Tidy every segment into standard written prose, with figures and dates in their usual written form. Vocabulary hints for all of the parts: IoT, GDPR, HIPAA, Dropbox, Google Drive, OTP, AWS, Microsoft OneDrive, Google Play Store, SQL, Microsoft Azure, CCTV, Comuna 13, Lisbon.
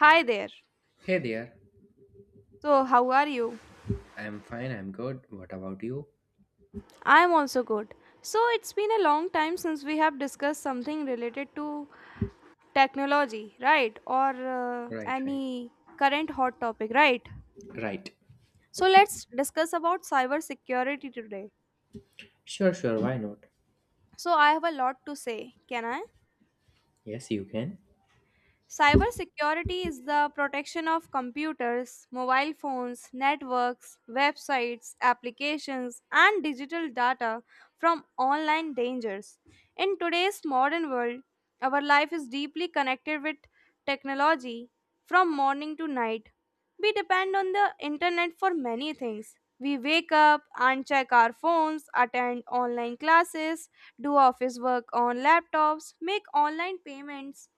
Hi there. Hey there. So, how are you? I'm fine, I'm good. What about you? I'm also good. So, it's been a long time since we have discussed something related to technology, right? Or Right, right. any current hot topic, right? Right. So, let's discuss about cybersecurity today. Sure, sure, why not? So, I have a lot to say. Can I? Yes, you can. Cybersecurity is the protection of computers, mobile phones, networks, websites, applications, and digital data from online dangers. In today's modern world, our life is deeply connected with technology from morning to night. We depend on the internet for many things. We wake up and check our phones, attend online classes, do office work on laptops, make online payments,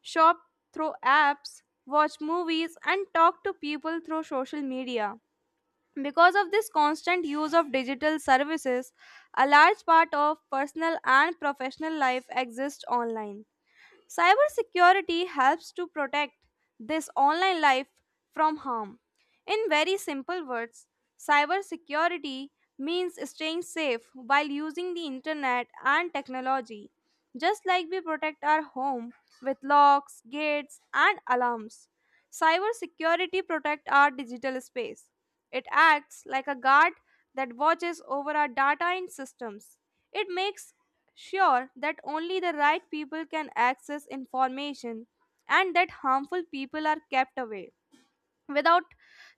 shop through apps, watch movies, and talk to people through social media. Because of this constant use of digital services, a large part of personal and professional life exists online. Cybersecurity helps to protect this online life from harm. In very simple words, cybersecurity means staying safe while using the internet and technology, just like we protect our home with locks, gates, and alarms. Cybersecurity protects our digital space. It acts like a guard that watches over our data and systems. It makes sure that only the right people can access information and that harmful people are kept away. Without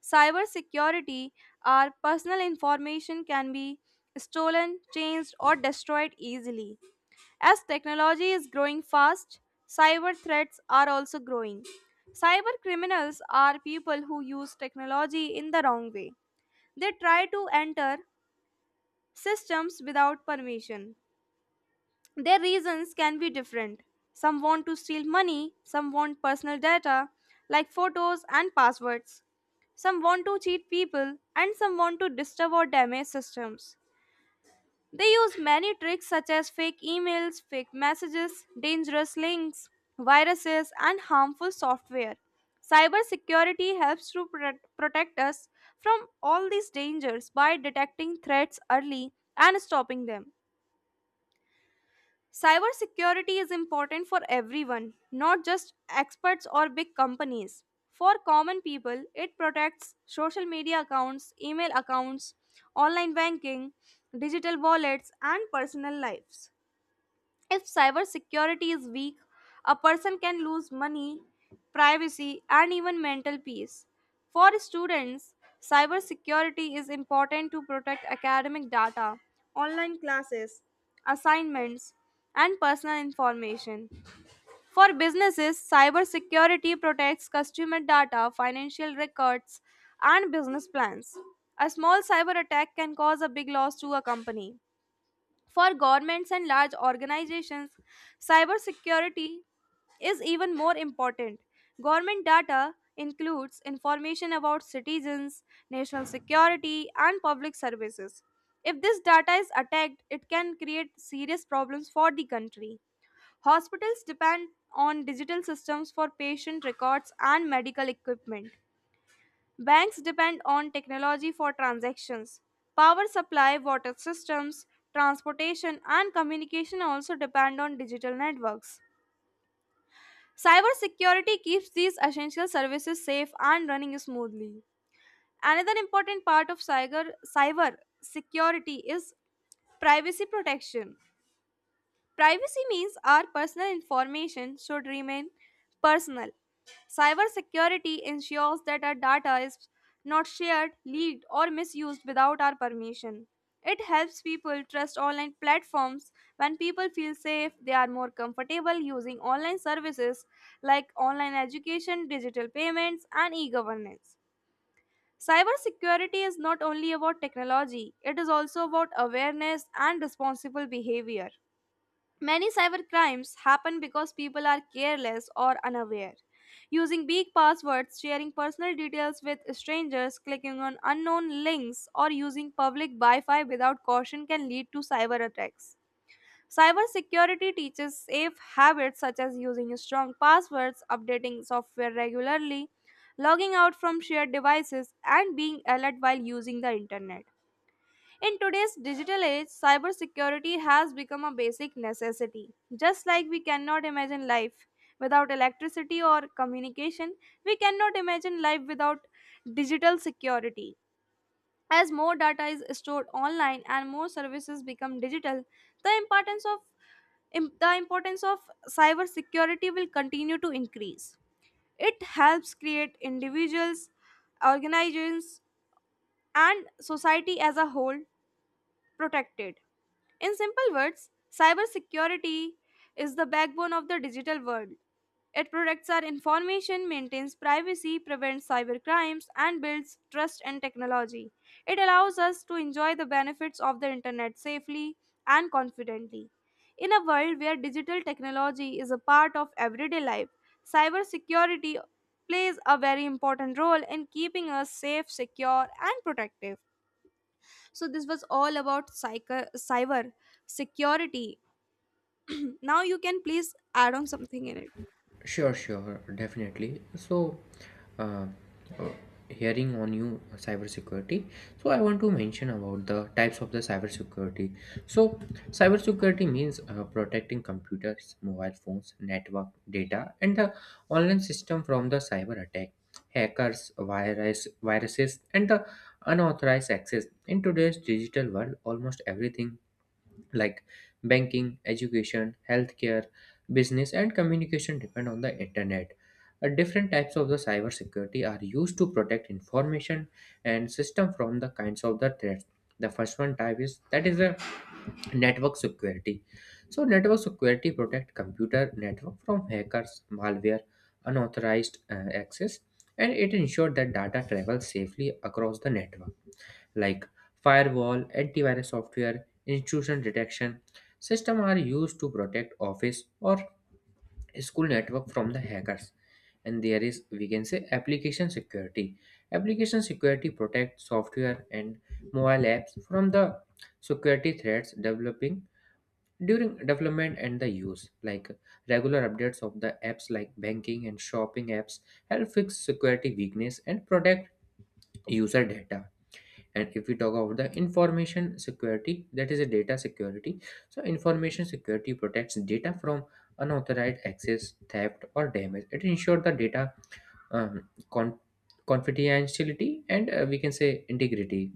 cybersecurity, our personal information can be stolen, changed, or destroyed easily. As technology is growing fast, cyber threats are also growing. Cyber criminals are people who use technology in the wrong way. They try to enter systems without permission. Their reasons can be different. Some want to steal money, some want personal data like photos and passwords. Some want to cheat people, and some want to disturb or damage systems. They use many tricks such as fake emails, fake messages, dangerous links, viruses, and harmful software. Cybersecurity helps to protect us from all these dangers by detecting threats early and stopping them. Cybersecurity is important for everyone, not just experts or big companies. For common people, it protects social media accounts, email accounts, online banking, digital wallets, and personal lives. If cybersecurity is weak, a person can lose money, privacy, and even mental peace. For students, cybersecurity is important to protect academic data, online classes, assignments, and personal information. For businesses, cybersecurity protects customer data, financial records, and business plans. A small cyber attack can cause a big loss to a company. For governments and large organizations, cybersecurity is even more important. Government data includes information about citizens, national security, and public services. If this data is attacked, it can create serious problems for the country. Hospitals depend on digital systems for patient records and medical equipment. Banks depend on technology for transactions. Power supply, water systems, transportation, and communication also depend on digital networks. Cybersecurity keeps these essential services safe and running smoothly. Another important part of cyber security is privacy protection. Privacy means our personal information should remain personal. Cybersecurity ensures that our data is not shared, leaked, or misused without our permission. It helps people trust online platforms. When people feel safe, they are more comfortable using online services like online education, digital payments, and e governance. Cybersecurity is not only about technology, it is also about awareness and responsible behavior. Many cybercrimes happen because people are careless or unaware. Using big passwords, sharing personal details with strangers, clicking on unknown links, or using public Wi Fi without caution can lead to cyber attacks. Cybersecurity teaches safe habits such as using strong passwords, updating software regularly, logging out from shared devices, and being alert while using the internet. In today's digital age, cybersecurity has become a basic necessity. Just like we cannot imagine life without electricity or communication, we cannot imagine life without digital security. As more data is stored online and more services become digital, the importance of the importance of cybersecurity will continue to increase. It helps create individuals, organizations, and society as a whole protected. In simple words, cybersecurity is the backbone of the digital world. It protects our information, maintains privacy, prevents cybercrimes, and builds trust in technology. It allows us to enjoy the benefits of the internet safely and confidently. In a world where digital technology is a part of everyday life, cybersecurity plays a very important role in keeping us safe, secure, and protective. So this was all about cyber security. Now you can please add on something in it. Sure, sure, definitely. So, uh, uh, hearing on you cybersecurity, so I want to mention about the types of the cybersecurity. So, cybersecurity means protecting computers, mobile phones, network data, and the online system from the cyber attack, hackers, viruses, and the unauthorized access. In today's digital world, almost everything like banking, education, healthcare, business, and communication depend on the internet. Different types of the cybersecurity are used to protect information and system from the kinds of the threats. The first one type is that is a network security. So network security protect computer network from hackers, malware, unauthorized access, and it ensure that data travels safely across the network like firewall, antivirus software, intrusion detection system are used to protect office or school network from the hackers. And there is we can say application security. Application security protects software and mobile apps from the security threats developing during development and the use like regular updates of the apps like banking and shopping apps help fix security weakness and protect user data. And if we talk about the information security, that is a data security, so information security protects data from unauthorized access, theft, or damage. It ensures the data um, con- confidentiality and we can say integrity,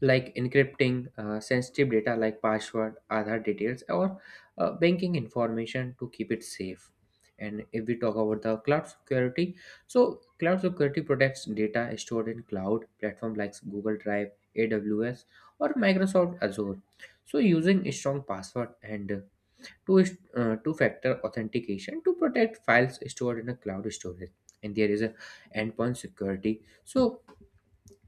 like encrypting sensitive data like password, Aadhaar details, or banking information to keep it safe. And if we talk about the cloud security, so cloud security protects data stored in cloud platform like Google Drive, AWS, or Microsoft Azure. So using a strong password and two two-factor authentication to protect files stored in a cloud storage. And there is a endpoint security. So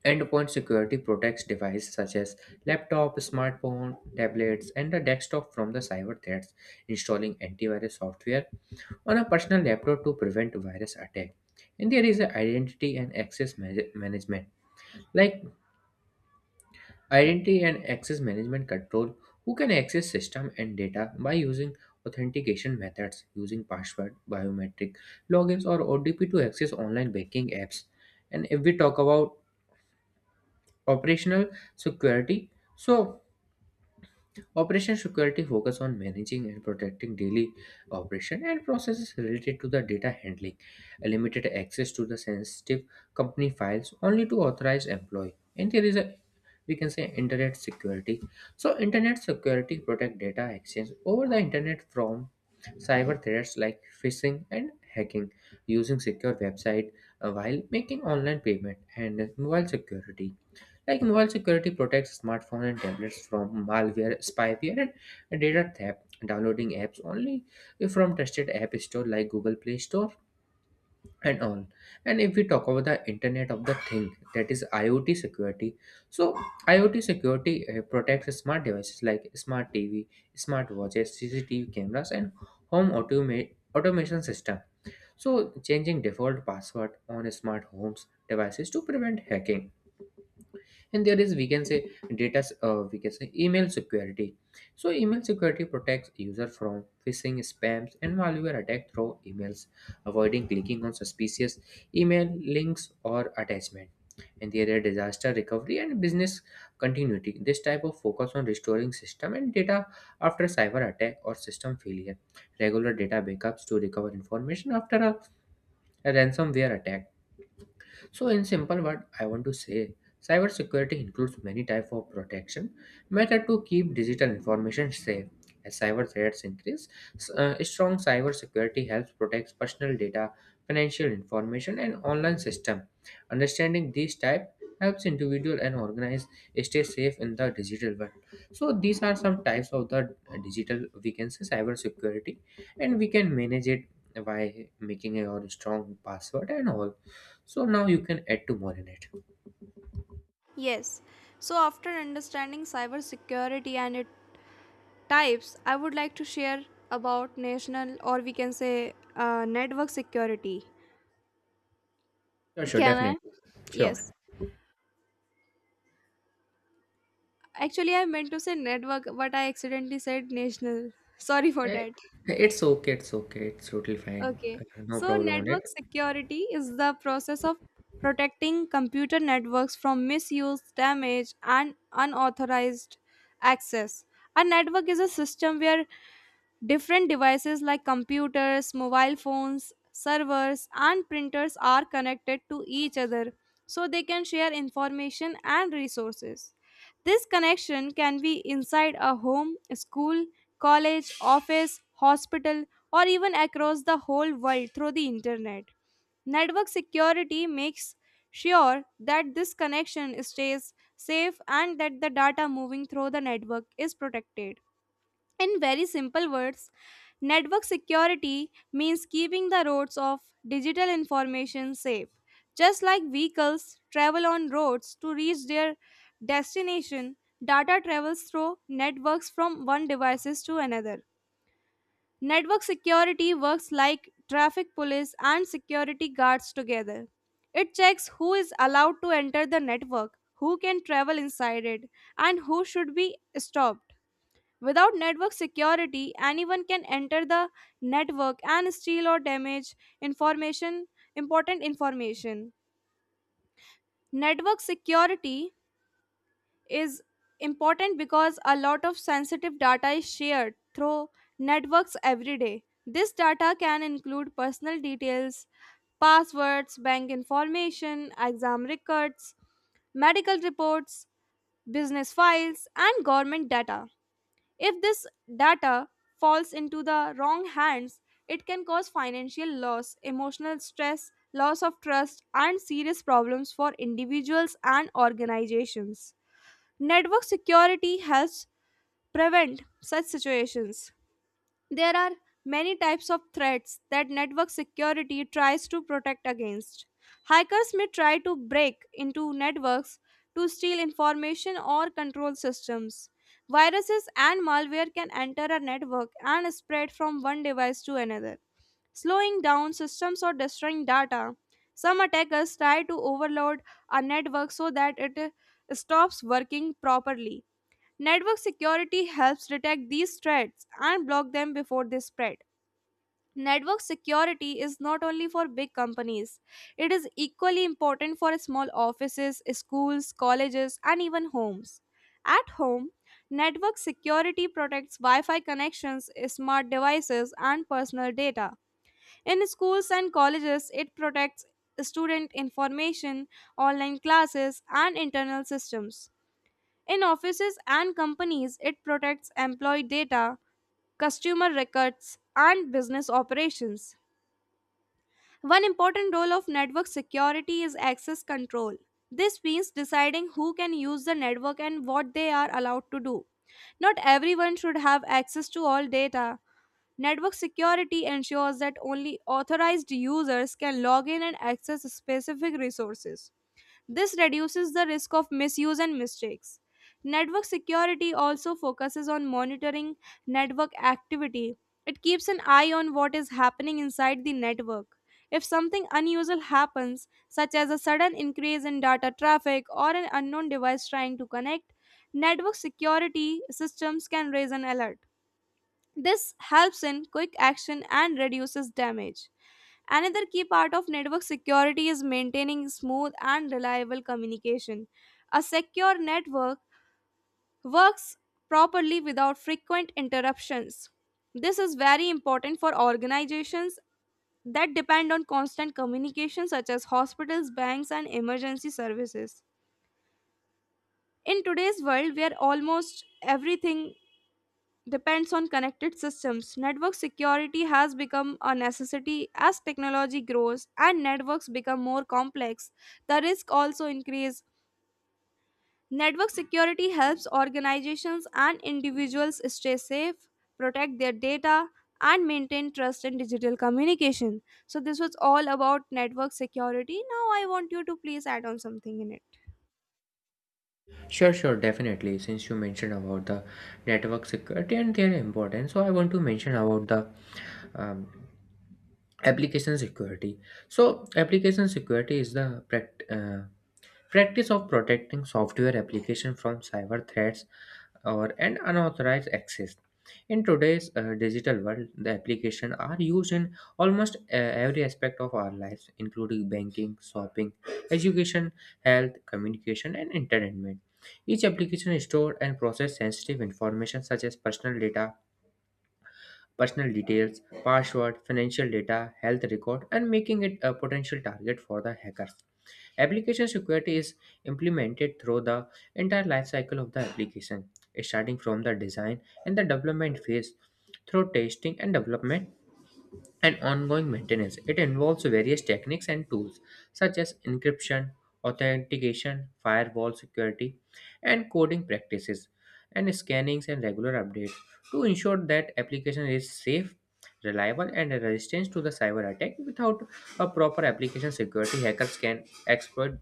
endpoint security protects devices such as laptop, smartphone, tablets, and the desktop from the cyber threats, installing antivirus software on a personal laptop to prevent virus attack. And there is a identity and access management. Like identity and access management control who can access system and data by using authentication methods using password, biometric logins, or OTP to access online banking apps. And if we talk about operational security, so operation security focus on managing and protecting daily operation and processes related to the data handling, limited access to the sensitive company files only to authorized employee. And there is a we can say internet security. So internet security protect data exchange over the internet from cyber threats like phishing and hacking, using secure website while making online payment, and mobile security like mobile security protects smartphone and tablets from malware, spyware, and data theft. Downloading apps only from trusted app store like Google Play Store and all. And if we talk about the Internet of the Thing, that is IoT security. So IoT security protects smart devices like smart TV, smart watches, CCTV cameras, and home automation system. So changing default password on smart homes devices to prevent hacking. And there is we can say email security. So email security protects user from phishing, spams, and malware attack through emails, avoiding clicking on suspicious email links or attachment. And there are disaster recovery and business continuity. This type of focus on restoring system and data after cyber attack or system failure, regular data backups to recover information after a ransomware attack. So in simple word, I want to say cybersecurity includes many type of protection method to keep digital information safe. As cyber threats increase, strong cybersecurity helps protect personal data, financial information, and online system. Understanding these type helps individual and organize stay safe in the digital world. So these are some types of the digital we can say cybersecurity, and we can manage it by making a your strong password and all. So now you can add two more in it. Yes. So after understanding cyber security and its types, I would like to share about national, or we can say, network security. Sure, sure, Can I? definitely. Sure. Yes. Actually, I meant to say network, but I accidentally said national. Sorry for Eh, that. It's okay, it's okay, it's totally fine. Okay. No So, problem on it. network security is the process of protecting computer networks from misuse, damage, and unauthorized access. A network is a system where different devices like computers, mobile phones, servers, and printers are connected to each other so they can share information and resources. This connection can be inside a home, school, college, office, hospital, or even across the whole world through the internet. Network security makes sure that this connection stays safe and that the data moving through the network is protected. In very simple words, network security means keeping the roads of digital information safe. Just like vehicles travel on roads to reach their destination, data travels through networks from one devices to another. Network security works like traffic police and security guards together. It checks who is allowed to enter the network, who can travel inside it, and who should be stopped. Without network security, anyone can enter the network and steal or damage information, important information. Network security is important because a lot of sensitive data is shared through networks every day. This data can include personal details, passwords, bank information, exam records, medical reports, business files, and government data. If this data falls into the wrong hands, it can cause financial loss, emotional stress, loss of trust, and serious problems for individuals and organizations. Network security helps prevent such situations. There are many types of threats that network security tries to protect against. Hackers may try to break into networks to steal information or control systems. Viruses and malware can enter a network and spread from one device to another, slowing down systems or destroying data. Some attackers try to overload a network so that it stops working properly. Network security helps detect these threats and block them before they spread. Network security is not only for big companies, it is equally important for small offices, schools, colleges, and even homes. At home, network security protects Wi Fi connections, smart devices, and personal data. In schools and colleges, it protects student information, online classes, and internal systems. In offices and companies, it protects employee data, customer records, and business operations. One important role of network security is access control. This means deciding who can use the network and what they are allowed to do. Not everyone should have access to all data. Network security ensures that only authorized users can log in and access specific resources. This reduces the risk of misuse and mistakes. Network security also focuses on monitoring network activity. It keeps an eye on what is happening inside the network. If something unusual happens, such as a sudden increase in data traffic or an unknown device trying to connect, network security systems can raise an alert. This helps in quick action and reduces damage. Another key part of network security is maintaining smooth and reliable communication. A secure network works properly without frequent interruptions. This is very important for organizations that depend on constant communication, such as hospitals, banks, and emergency services. In today's world, where almost everything depends on connected systems, network security has become a necessity. As technology grows and networks become more complex, the risk also increase. Network security helps organizations and individuals stay safe, protect their data, and maintain trust in digital communication. So this was all about network security. Now I want you to please add on something in it. Sure, sure, definitely. Since you mentioned about the network security and their importance, so I want to mention about the um, application security. So application security is the practice of protecting software application from cyber threats or and unauthorized access. In today's digital world, the applications are used in almost every aspect of our lives, including banking, shopping, education, health, communication, and entertainment. Each application stores and processes sensitive information such as personal data, personal details, password, financial data, health record, and making it a potential target for the hackers. Application security is implemented through the entire life cycle of the application, starting from the design and the development phase through testing and development and ongoing maintenance. It involves various techniques and tools such as encryption, authentication, firewall security, and coding practices, and scannings and regular updates to ensure that application is safe, reliable, and resistant to the cyber attack. Without a proper application security, hackers can exploit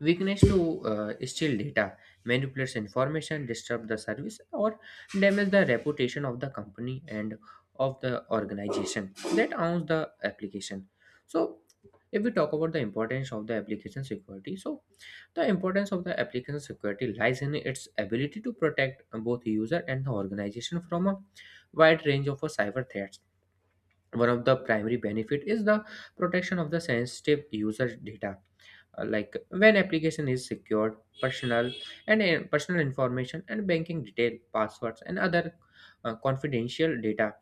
weakness to steal data, manipulate information, disturb the service, or damage the reputation of the company and of the organization that owns the application. So, if we talk about the importance of the application security, so the importance of the application security lies in its ability to protect both user and the organization from a wide range of cyber threats. One of the primary benefit is the protection of the sensitive user data, like when application is secured, personal and personal information and banking detail, passwords, and other confidential data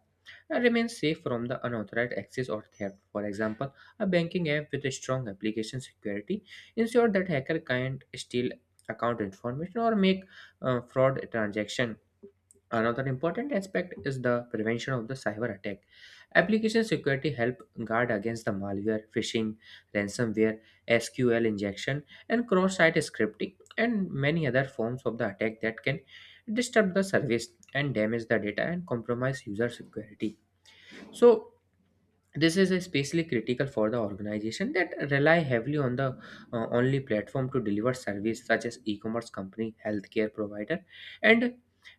remains safe from the unauthorized access or theft. For example, a banking app with a strong application security ensure that hacker can't steal account information or make fraud transaction. Another important aspect is the prevention of the cyber attack. Application security help guard against the malware, phishing, ransomware, SQL injection, and cross-site scripting, and many other forms of the attack that can disturb the service and damage the data and compromise user security. So this is especially critical for the organization that rely heavily on the only platform to deliver service such as e-commerce company, healthcare provider, and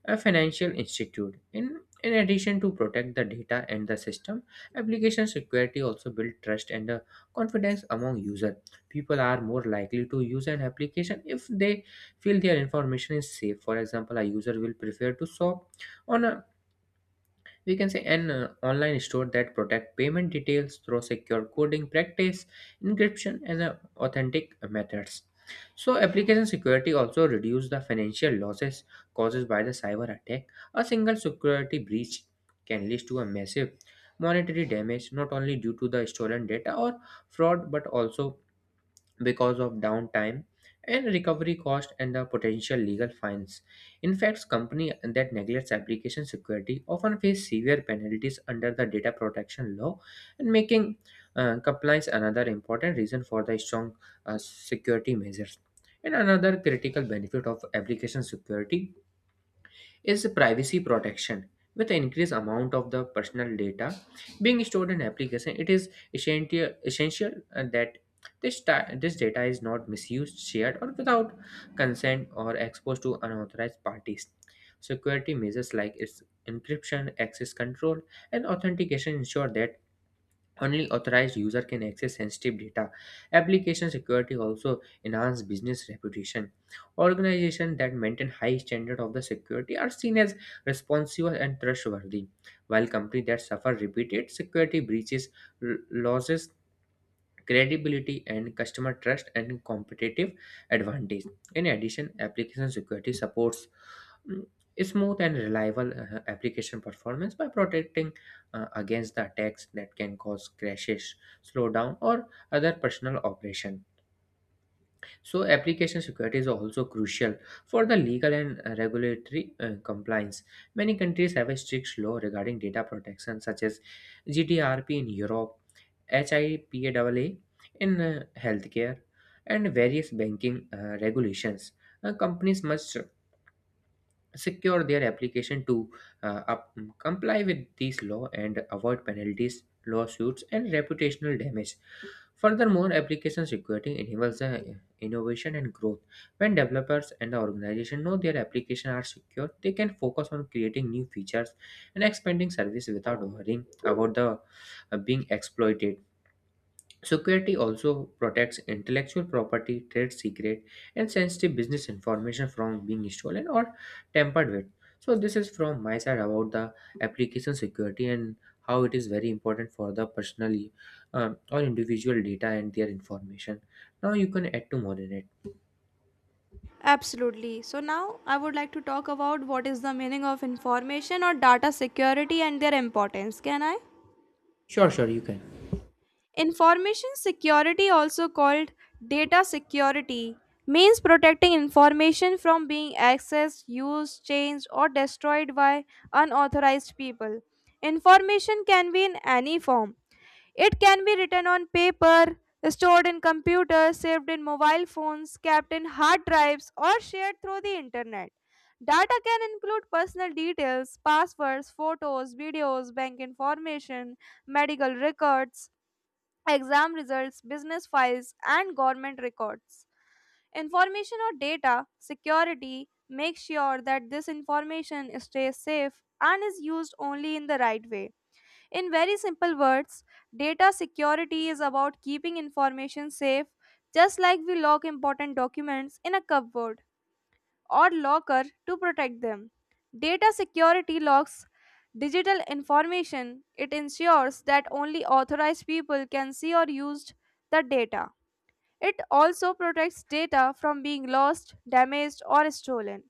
a financial institute. In addition to protect the data and the system, application security also build trust and confidence among user. People are more likely to use an application if they feel their information is safe. For example, a user will prefer to shop on a we can say an online store that protect payment details through secure coding practice, encryption, and authentic methods. So application security also reduce the financial losses caused by the cyber attack. A single security breach can lead to a massive monetary damage, not only due to the stolen data or fraud but also because of downtime and recovery cost and the potential legal fines. In fact, companies that neglects application security often face severe penalties under the data protection law, and making compliance another important reason for the strong security measures. And another critical benefit of application security is privacy protection. With the increased amount of the personal data being stored in application, it is essential that this data is not misused, shared, or without consent or exposed to unauthorized parties. Security measures like its encryption, access control, and authentication ensure that only authorized user can access sensitive data. Application security also enhance business reputation. Organizations that maintain high standard of the security are seen as responsible and trustworthy, while companies that suffer repeated security breaches, losses, credibility and customer trust and competitive advantage. In addition, application security supports mm, smooth and reliable application performance by protecting against the attacks that can cause crashes, slowdown, or other personal operation. So, application security is also crucial for the legal and regulatory compliance. Many countries have a strict law regarding data protection, such as GDPR in Europe, HIPAA in healthcare, and various banking regulations. Companies must secure their application to comply with these law and avoid penalties, lawsuits, and reputational damage. Furthermore, applications requiring enables the innovation and growth. When developers and the organization know their application are secure, they can focus on creating new features and expanding service without worrying about the being exploited. Security also protects intellectual property, trade secret, and sensitive business information from being stolen or tampered with. So this is from my side about the application security and how it is very important for the personally or individual data and their information. Now you can add to more in it. Absolutely. So now I would like to talk about what is the meaning of information or data security and their importance. Can I? Sure, sure, you can. Information security, also called data security, means protecting information from being accessed, used, changed, or destroyed by unauthorized people. Information can be in any form. It can be written on paper, stored in computers, saved in mobile phones, kept in hard drives, or shared through the internet. Data can include personal details, passwords, photos, videos, bank information, medical records, exam results, business files, and government records. Information or data security makes sure that this information stays safe and is used only in the right way. In very simple words, data security is about keeping information safe, just like we lock important documents in a cupboard or locker to protect them. Data security locks digital information. It ensures that only authorized people can see or use the data. It also protects data from being lost, damaged, or stolen.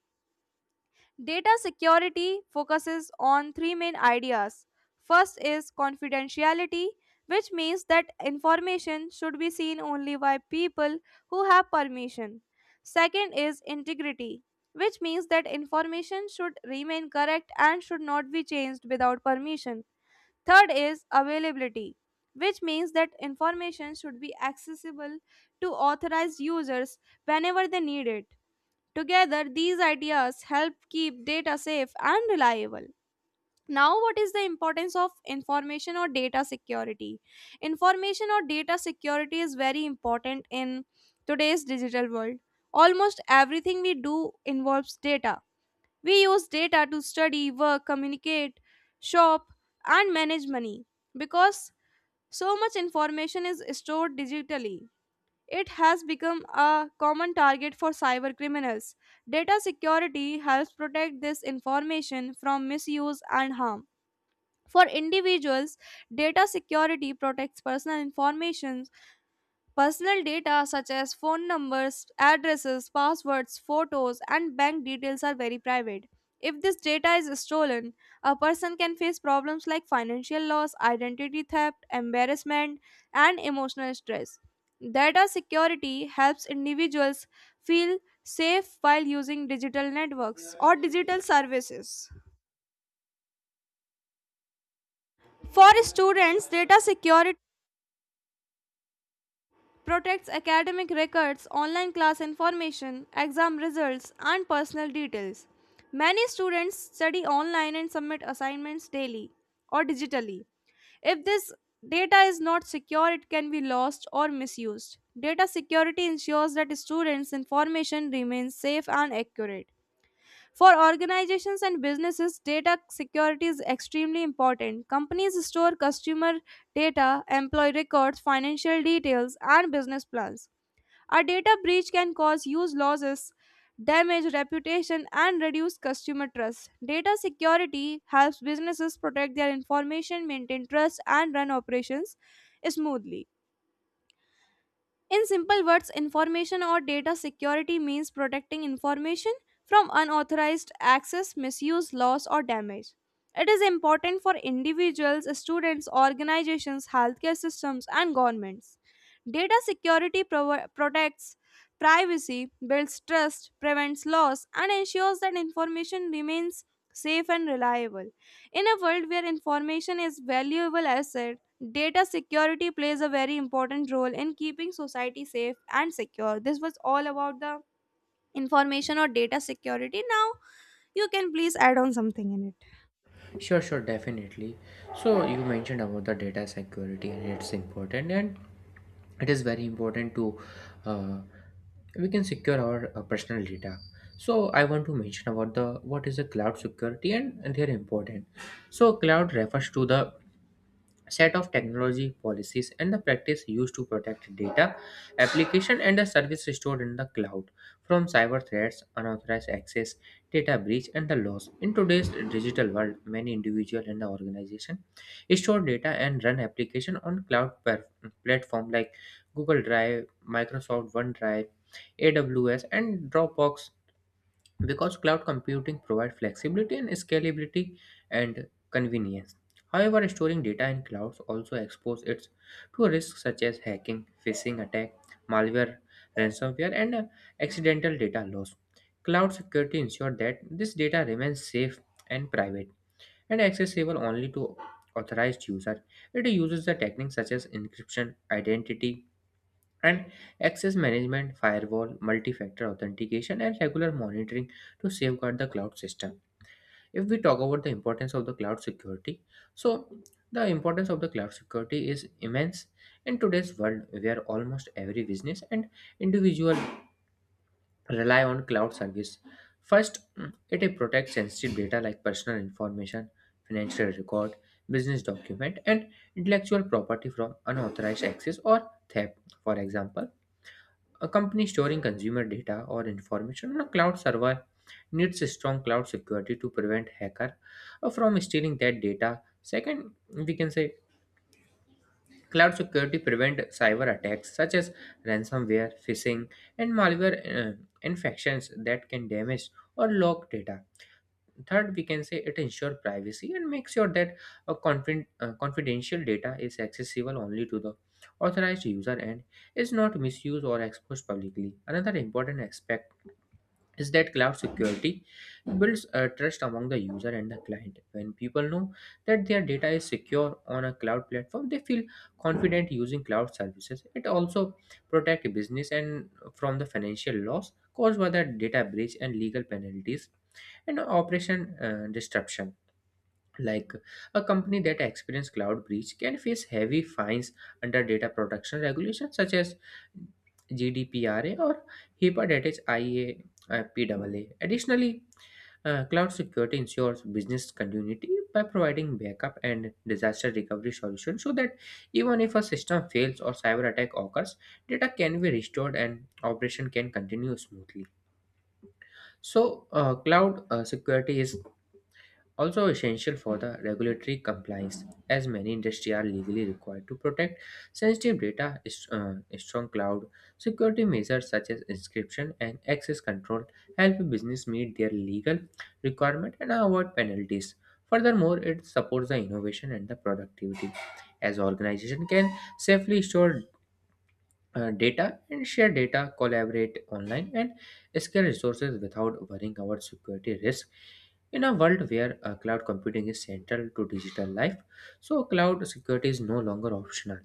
Data security focuses on three main ideas. First is confidentiality, which means that information should be seen only by people who have permission. Second is integrity, which means that information should remain correct and should not be changed without permission. Third is availability, which means that information should be accessible to authorized users whenever they need it. Together, these ideas help keep data safe and reliable. Now, what is the importance of information or data security? Information or data security is very important in today's digital world. Almost everything we do involves data. We use data to study, work, communicate, shop, and manage money because so much information is stored digitally. It has become a common target for cyber criminals. Data security helps protect this information from misuse and harm. For individuals, data security protects personal information. Personal data such as phone numbers, addresses, passwords, photos, and bank details are very private. If this data is stolen, a person can face problems like financial loss, identity theft, embarrassment, and emotional stress. Data security helps individuals feel safe while using digital networks or digital services. For students, data security protects academic records, online class information, exam results, and personal details. Many students study online and submit assignments daily or digitally. If this data is not secure, it can be lost or misused. Data security ensures that students' information remains safe and accurate. For organizations and businesses, data security is extremely important. Companies store customer data, employee records, financial details, and business plans. A data breach can cause huge losses, damage reputation, and reduce customer trust. Data security helps businesses protect their information, maintain trust, and run operations smoothly. In simple words, information or data security means protecting information from unauthorized access, misuse, loss, or damage. It is important for individuals, students, organizations, healthcare systems, and governments. Data security protects privacy, builds trust, prevents loss, and ensures that information remains safe and reliable. In a world where information is valuable asset, data security plays a very important role in keeping society safe and secure. This was all about the information or data security. Now, you can please add on something in it. Sure, sure, definitely. So you mentioned about the data security and it's important, and it is very important to uh, we can secure our personal data. So I want to mention about the what is the cloud security and they're important. So cloud refers to the set of technology policies and the practice used to protect data, application, and the service stored in the cloud from cyber threats, unauthorized access, data breach, and the loss. In today's digital world, many individuals and the organization store data and run application on platform like Google Drive, Microsoft OneDrive, AWS, and Dropbox because cloud computing provides flexibility and scalability and convenience. However, storing data in clouds also exposes it to risks such as hacking, phishing attack, malware, ransomware, and accidental data loss. Cloud security ensures that this data remains safe and private and accessible only to authorized users. It uses the techniques such as encryption, identity and access management, firewall, multi factor authentication, and regular monitoring to safeguard the cloud system. If we talk about the importance of the cloud security, so the importance of the cloud security is immense in today's world where almost every business and individual rely on cloud service. First, it protects sensitive data like personal information, financial record, business document, and intellectual property from unauthorized access or theft. For example, a company storing consumer data or information on a cloud server needs a strong cloud security to prevent hacker from stealing that data. Second, we can say cloud security prevent cyber attacks such as ransomware, phishing, and malware infections that can damage or lock data. Third, we can say it ensures privacy and makes sure that confidential data is accessible only to the authorized user and is not misused or exposed publicly. Another important aspect is that cloud security builds trust among the user and the client. When people know that their data is secure on a cloud platform, they feel confident using cloud services. It also protects business and from the financial loss caused by the data breach and legal penalties and operation disruption. Like a company that experiences cloud breach can face heavy fines under data protection regulations such as GDPRA or HIPAA, that is IA, PAA. Additionally, cloud security ensures business continuity by providing backup and disaster recovery solutions so that even if a system fails or cyber attack occurs, data can be restored and operation can continue smoothly. So, cloud security is also essential for the regulatory compliance as many industries are legally required to protect sensitive strong cloud security measures such as encryption and access control help business meet their legal requirement and avoid penalties. Furthermore, it supports the innovation and the productivity as organization can safely store data and share data, collaborate online, and scale resources without worrying about security risk. In a world where cloud computing is central to digital life, so cloud security is no longer optional.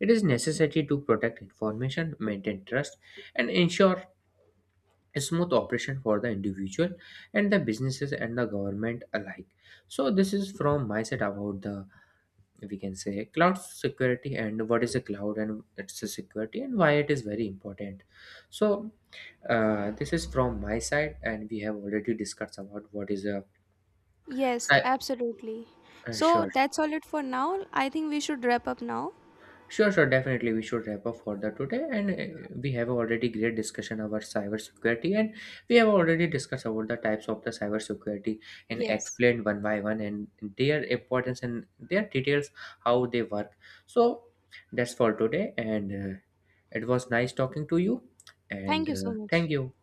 It is necessary to protect information, maintain trust, and ensure a smooth operation for the individual and the businesses and the government alike. So this is from my side about the, we can say, cloud security and what is a cloud and its a security and why it is very important. So this is from my side and we have already discussed about what is a Yes, cy- absolutely. So sure. that's all it for now. I think we should wrap up now. Sure, sure, definitely we should wrap up for the today, and we have already great discussion about cybersecurity, and we have already discussed about the types of the cybersecurity and Yes. explained one by one and their importance and their details how they work. So that's for today, and it was nice talking to you, Thank and you so much. thank you.